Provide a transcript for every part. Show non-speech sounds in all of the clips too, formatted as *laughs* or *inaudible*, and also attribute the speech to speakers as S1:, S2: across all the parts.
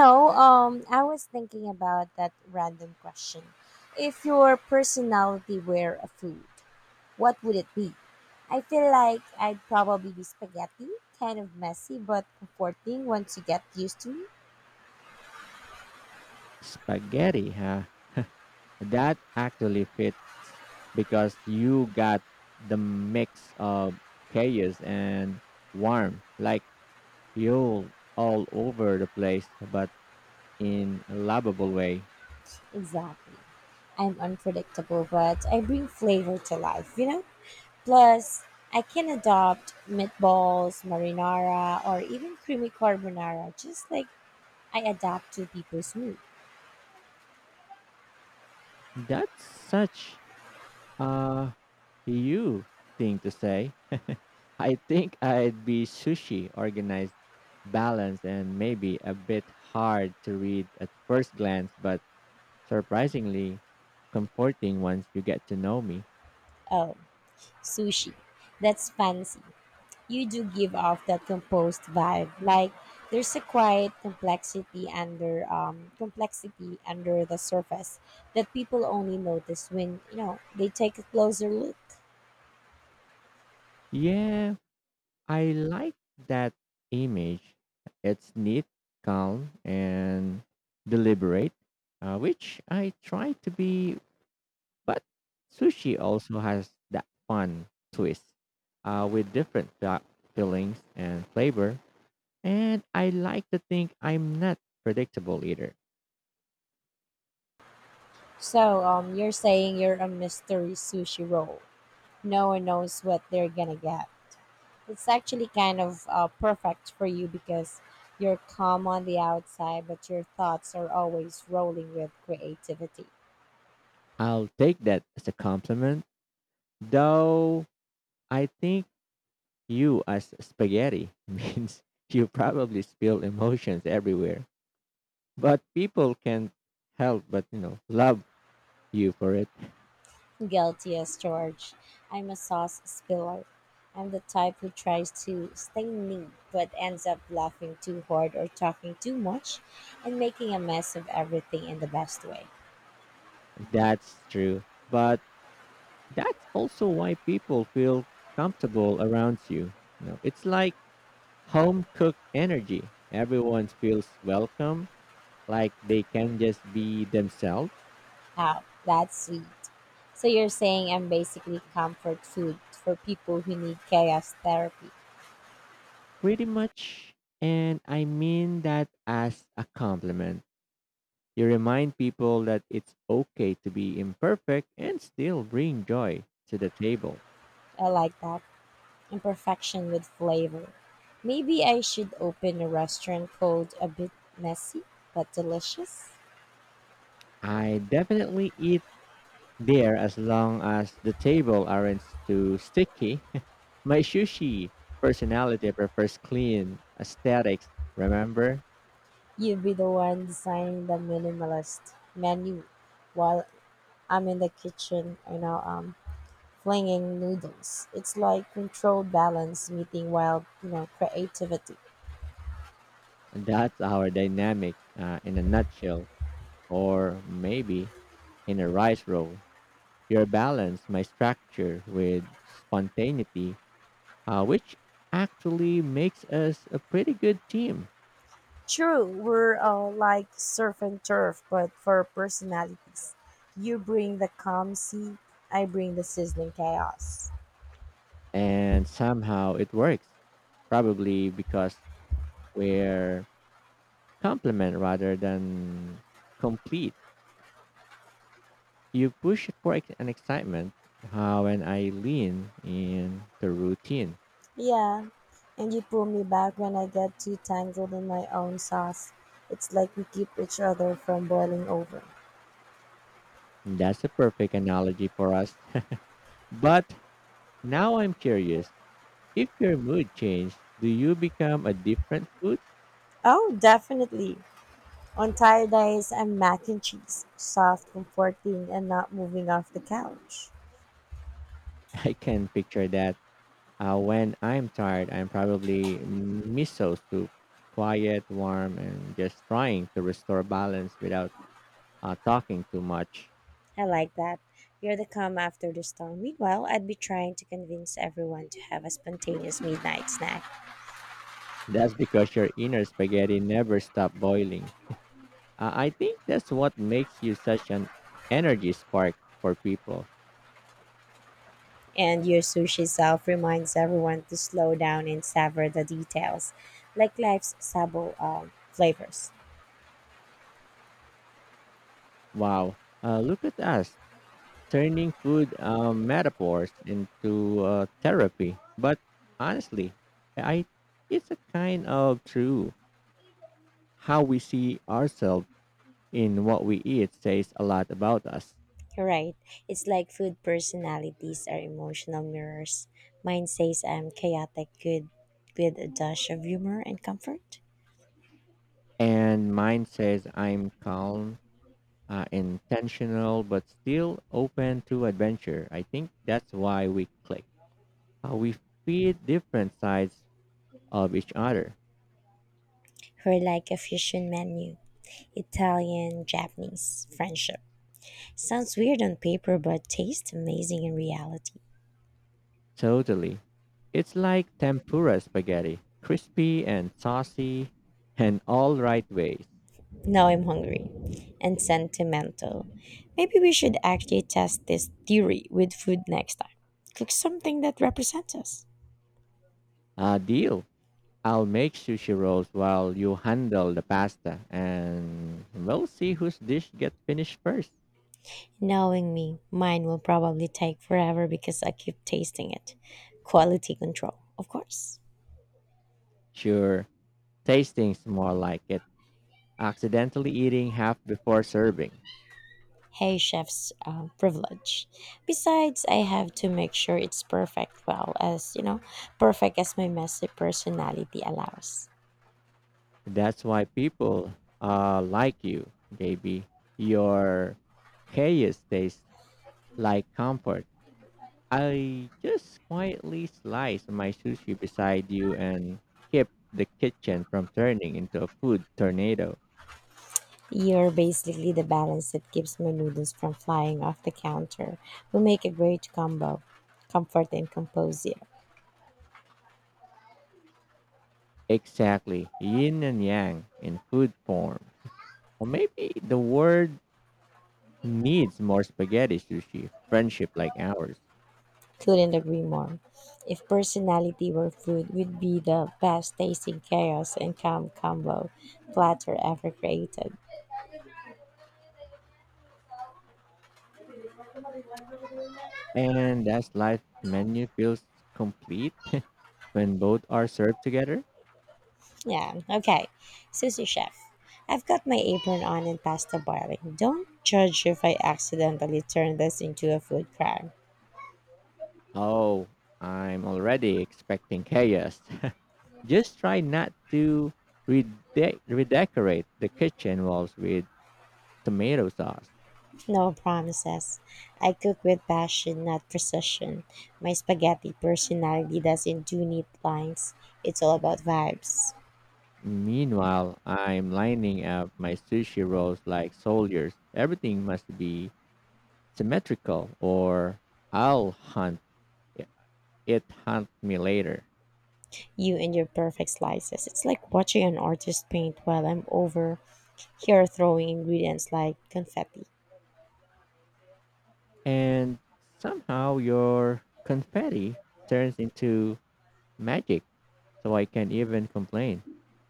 S1: I was thinking about that random question. If your personality were a food, what would it be? I feel like I'd probably be spaghetti, kind of messy but comforting once you get used to it.
S2: Spaghetti, huh? That actually fits because you got the mix of chaos and warmth, like you're all over the place, but in a lovable way.
S1: Exactly. I'm unpredictable, but I bring flavor to life, you know? Plus, I can adopt meatballs, marinara, or even creamy carbonara just like I adapt to people's mood.
S2: That's such a you thing to say. *laughs* I think I'd be sushi, organized, balanced, and maybe a bit hard to read at first glance, but surprisingly comforting once you get to know me.
S1: Oh. Sushi. That's fancy. You do give off that composed vibe. Like there's a quiet complexity under the surface that people only notice when, you know, they take a closer look.
S2: Yeah, I like that image. It's neat, calm, and deliberate, which I try to be, but sushi also has that fun twist with fillings and flavor. And I like to think I'm not predictable either.
S1: So, you're saying you're a mystery sushi roll. No one knows what they're gonna get. It's actually kind of perfect for you because you're calm on the outside, but your thoughts are always rolling with creativity.
S2: I'll take that as a compliment, though I think you as spaghetti *laughs* means you probably spill emotions everywhere. But people can't help but, love you for it.
S1: Guilty as charged. I'm a sauce spiller. I'm the type who tries to stay neat but ends up laughing too hard or talking too much and making a mess of everything in the best way.
S2: That's true. But that's also why people feel comfortable around you. You know, it's like home cooked energy. Everyone feels welcome, like they can just be themselves
S1: Wow, that's sweet. So you're saying I'm basically comfort food for people who need chaos therapy.
S2: pretty much. And I mean that as a compliment. You remind people that it's okay to be imperfect and still bring joy to the table.
S1: I like that. Imperfection with flavor. Maybe I should open a restaurant called A Bit Messy but Delicious.
S2: I definitely eat there as long as the table aren't too sticky. *laughs* My sushi personality prefers clean aesthetics. Remember,
S1: You be the one designing the minimalist menu while I'm in the kitchen, you know, flinging noodles. It's like controlled balance meeting wild, you know, creativity.
S2: that's our dynamic in a nutshell, or maybe in a rice roll. Your balance, my structure with spontaneity which actually makes us a pretty good team.
S1: True, we're like surf and turf, but for personalities. You bring the calm sea, I bring the sizzling chaos.
S2: And somehow it works, probably because we're complement rather than complete. You push for an excitement, how and I lean in the routine.
S1: Yeah, and you pull me back when I get too tangled in my own sauce. It's like we keep each other from boiling over.
S2: That's a perfect analogy for us. *laughs* But now I'm curious if your mood changed, do you become a different food?
S1: Oh, definitely. On tired days, I'm mac and cheese, soft, comforting, and not moving off the couch.
S2: *laughs* I can picture that. When I'm tired, I'm probably miso soup, quiet, warm, and just trying to restore balance without talking too much.
S1: I like that. You're the calm after the storm. Meanwhile, I'd be trying to convince everyone to have a spontaneous midnight snack.
S2: That's because your inner spaghetti never stop boiling. I think that's what makes you such an energy spark for people.
S1: And your sushi self reminds everyone to slow down and savor the details, like life's sabo flavors.
S2: Wow! Look at us turning food metaphors into therapy. But honestly, I it's a kind of true how we see ourselves in what we eat says a lot about us.
S1: Right. It's like food personalities are emotional mirrors. Mine says I'm chaotic good with a dash of humor and comfort.
S2: And mine says I'm calm, intentional, but still open to adventure. I think that's why we click. We feed different sides of each other.
S1: We're like a fusion menu Italian, Japanese, friendship. Sounds weird on paper, but tastes amazing in reality.
S2: Totally. It's like tempura spaghetti, crispy and saucy, and all right ways.
S1: Now I'm hungry and sentimental. Maybe we should actually test this theory with food next time. Cook something that represents us.
S2: Deal. I'll make sushi rolls while you handle the pasta, and we'll see whose dish gets finished first.
S1: Knowing me, mine will probably take forever because I keep tasting it. Quality control, of course.
S2: Sure. Tastings more like it. Accidentally eating half before serving.
S1: Hey, chef's privilege. Besides, I have to make sure it's perfect, well, as you know, perfect as my messy personality allows.
S2: That's why people like you, baby. Your chaos tastes like comfort. I just quietly sliced my sushi beside you and kept the kitchen from turning into a food tornado.
S1: You're basically the balance that keeps my noodles from flying off the counter. We make a great combo comfort and composure.
S2: Exactly, yin and yang in food form. Or maybe the world needs more spaghetti sushi, friendship like ours.
S1: Couldn't agree more. If personality were food, we'd be the best tasting chaos and calm combo platter ever created.
S2: And that's life menu feels complete *laughs* when both are served together.
S1: Yeah, okay. Sushi chef. I've got my apron on and pasta boiling. Don't judge if I accidentally turn this into a food crime.
S2: Oh, I'm already expecting chaos. *laughs* Just try not to rede- redecorate the kitchen walls with tomato sauce.
S1: No promises. I cook with passion, not precision. My spaghetti personality doesn't do neat lines. It's all about vibes.
S2: Meanwhile, I'm lining up my sushi rolls like soldiers. Everything must be symmetrical or I'll hunt me later.
S1: You and your perfect slices. It's like watching an artist paint while I'm over here throwing ingredients like confetti.
S2: And somehow your confetti turns into magic so I can't even complain.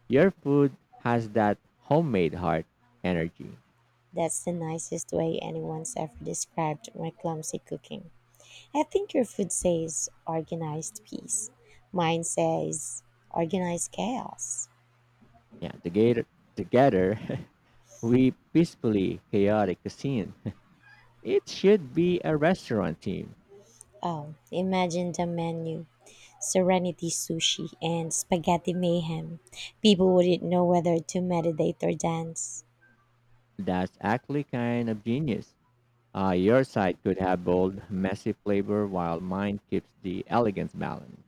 S2: Your food has that homemade heart energy.
S1: That's the nicest way anyone's ever described my clumsy cooking. I think your food says organized peace. Mine says organized chaos.
S2: Yeah, together *laughs* we peacefully chaotic cuisine. *laughs* It should be a restaurant team.
S1: Oh, imagine the menu Serenity Sushi, and Spaghetti Mayhem, people wouldn't know whether to meditate or dance.
S2: That's actually kind of genius. Your side could have bold, messy flavor while mine keeps the elegance balance.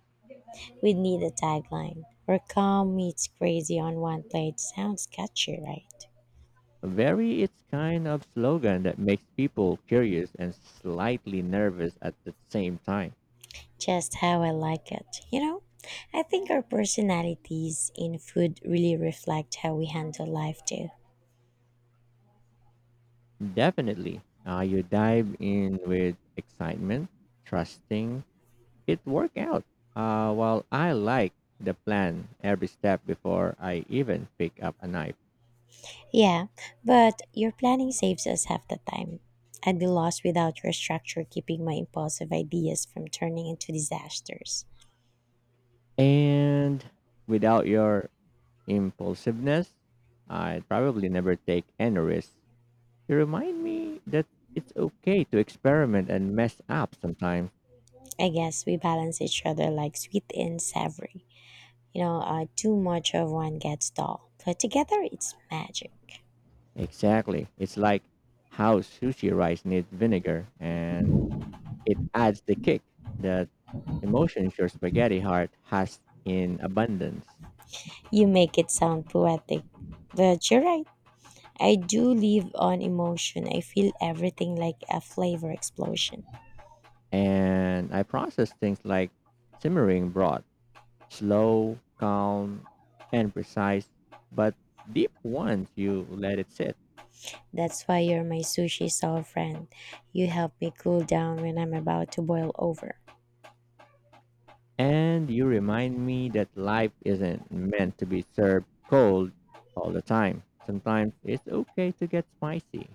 S1: We'd need a tagline where calm meets crazy on one plate. Sounds catchy, right?
S2: Very its kind of slogan that makes people curious and slightly nervous at the same time.
S1: Just how I like it. You know, I think our personalities in food really reflect how we handle life too.
S2: Definitely, you dive in with excitement, trusting it work out. While I like the plan every step before I even pick up a knife,
S1: Yeah, but your planning saves us half the time. I'd be lost without your structure keeping my impulsive ideas from turning into disasters.
S2: and without your impulsiveness, I'd probably never take any risks. You remind me that it's okay to experiment and mess up sometimes.
S1: I guess we balance each other like sweet and savory. You know, too much of one gets dull, but together it's magic.
S2: Exactly. It's like how sushi rice needs vinegar and it adds the kick that emotions your spaghetti heart has in abundance.
S1: You make it sound poetic, but you're right. I do live on emotion. I feel everything like a flavor explosion.
S2: And I process things like simmering broth, slow, calm, and precise, but deep once you let it sit.
S1: That's why you're my sushi soul friend. You help me cool down when I'm about to boil over.
S2: And you remind me that life isn't meant to be served cold all the time. Sometimes it's okay to get spicy.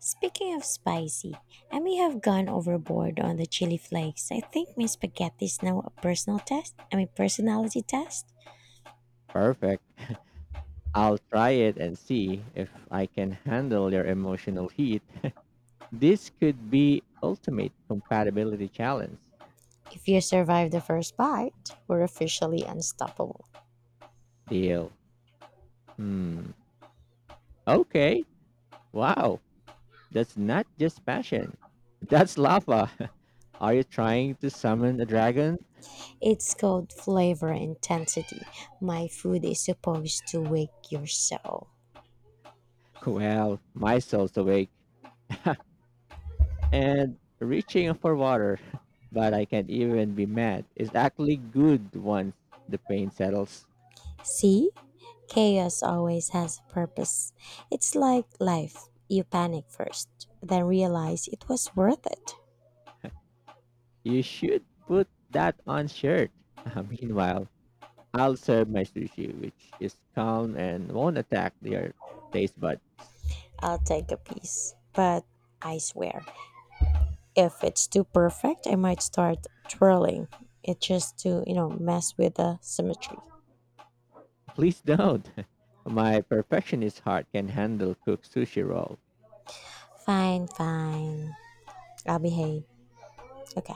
S1: Speaking of spicy, I may have gone overboard on the chili flakes. I think my spaghetti is now a personal test. I mean, personality test.
S2: Perfect. I'll try it and see if I can handle your emotional heat. This could be ultimate compatibility challenge.
S1: If you survive the first bite, we're officially unstoppable.
S2: Deal. Hmm. Okay. Wow. That's not just passion. That's lava. *laughs* Are you trying to summon a dragon?
S1: It's called flavor intensity. My food is supposed to wake your soul.
S2: Well, my soul's awake and reaching for water, *laughs* but I can't even be mad. It's actually good once the pain settles.
S1: See? Chaos always has a purpose. It's like life. You panic first, then realize it was worth it.
S2: You should put that on shirt. *laughs* Meanwhile, I'll serve my sushi, which is calm and won't attack their taste bud.
S1: I'll take a piece, but I swear. If it's too perfect, I might start twirling it just to, you know, mess with the symmetry.
S2: Please don't. *laughs* My perfectionist heart can handle cooked sushi roll.
S1: Fine, fine. I'll behave. Okay.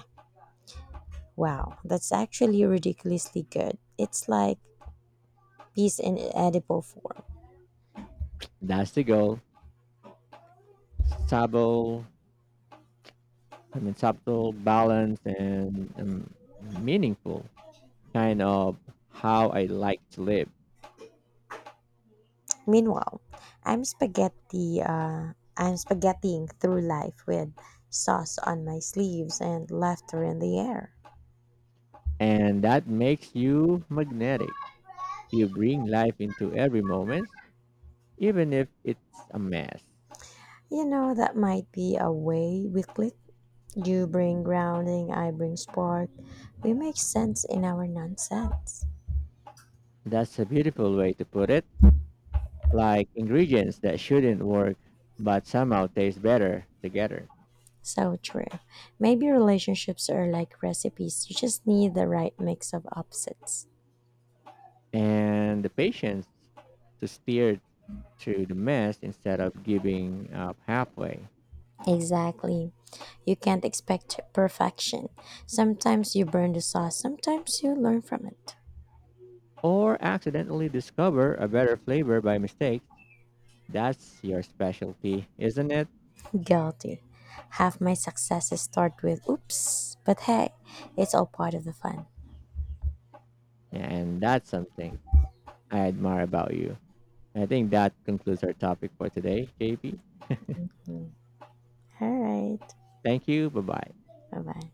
S1: Wow, that's actually ridiculously good. It's like peas in edible form.
S2: That's the goal. Sabo, subtle, balanced, and meaningful. Kind of how I like to live.
S1: Meanwhile, I'm spaghettiing through life with sauce on my sleeves and laughter in the air.
S2: And that makes you magnetic. You bring life into every moment, even if it's a mess.
S1: You know that might be a way we click You bring grounding, I bring spark. We make sense in our nonsense.
S2: That's a beautiful way to put it, like ingredients that shouldn't work but somehow taste better together,
S1: So true. Maybe relationships are like recipes, you just need the right mix of opposites.
S2: and the patience to steer through the mess instead of giving up halfway,
S1: Exactly. You can't expect perfection. Sometimes you burn the sauce, sometimes you learn from it.
S2: or accidentally discover a better flavor by mistake. That's your specialty, isn't it?
S1: Guilty. Half my successes start with oops, but hey, it's all part of the fun.
S2: And that's something I admire about you. I think that concludes our topic for today, JP.
S1: Mm. All right.
S2: Thank you. Bye bye.
S1: Bye bye.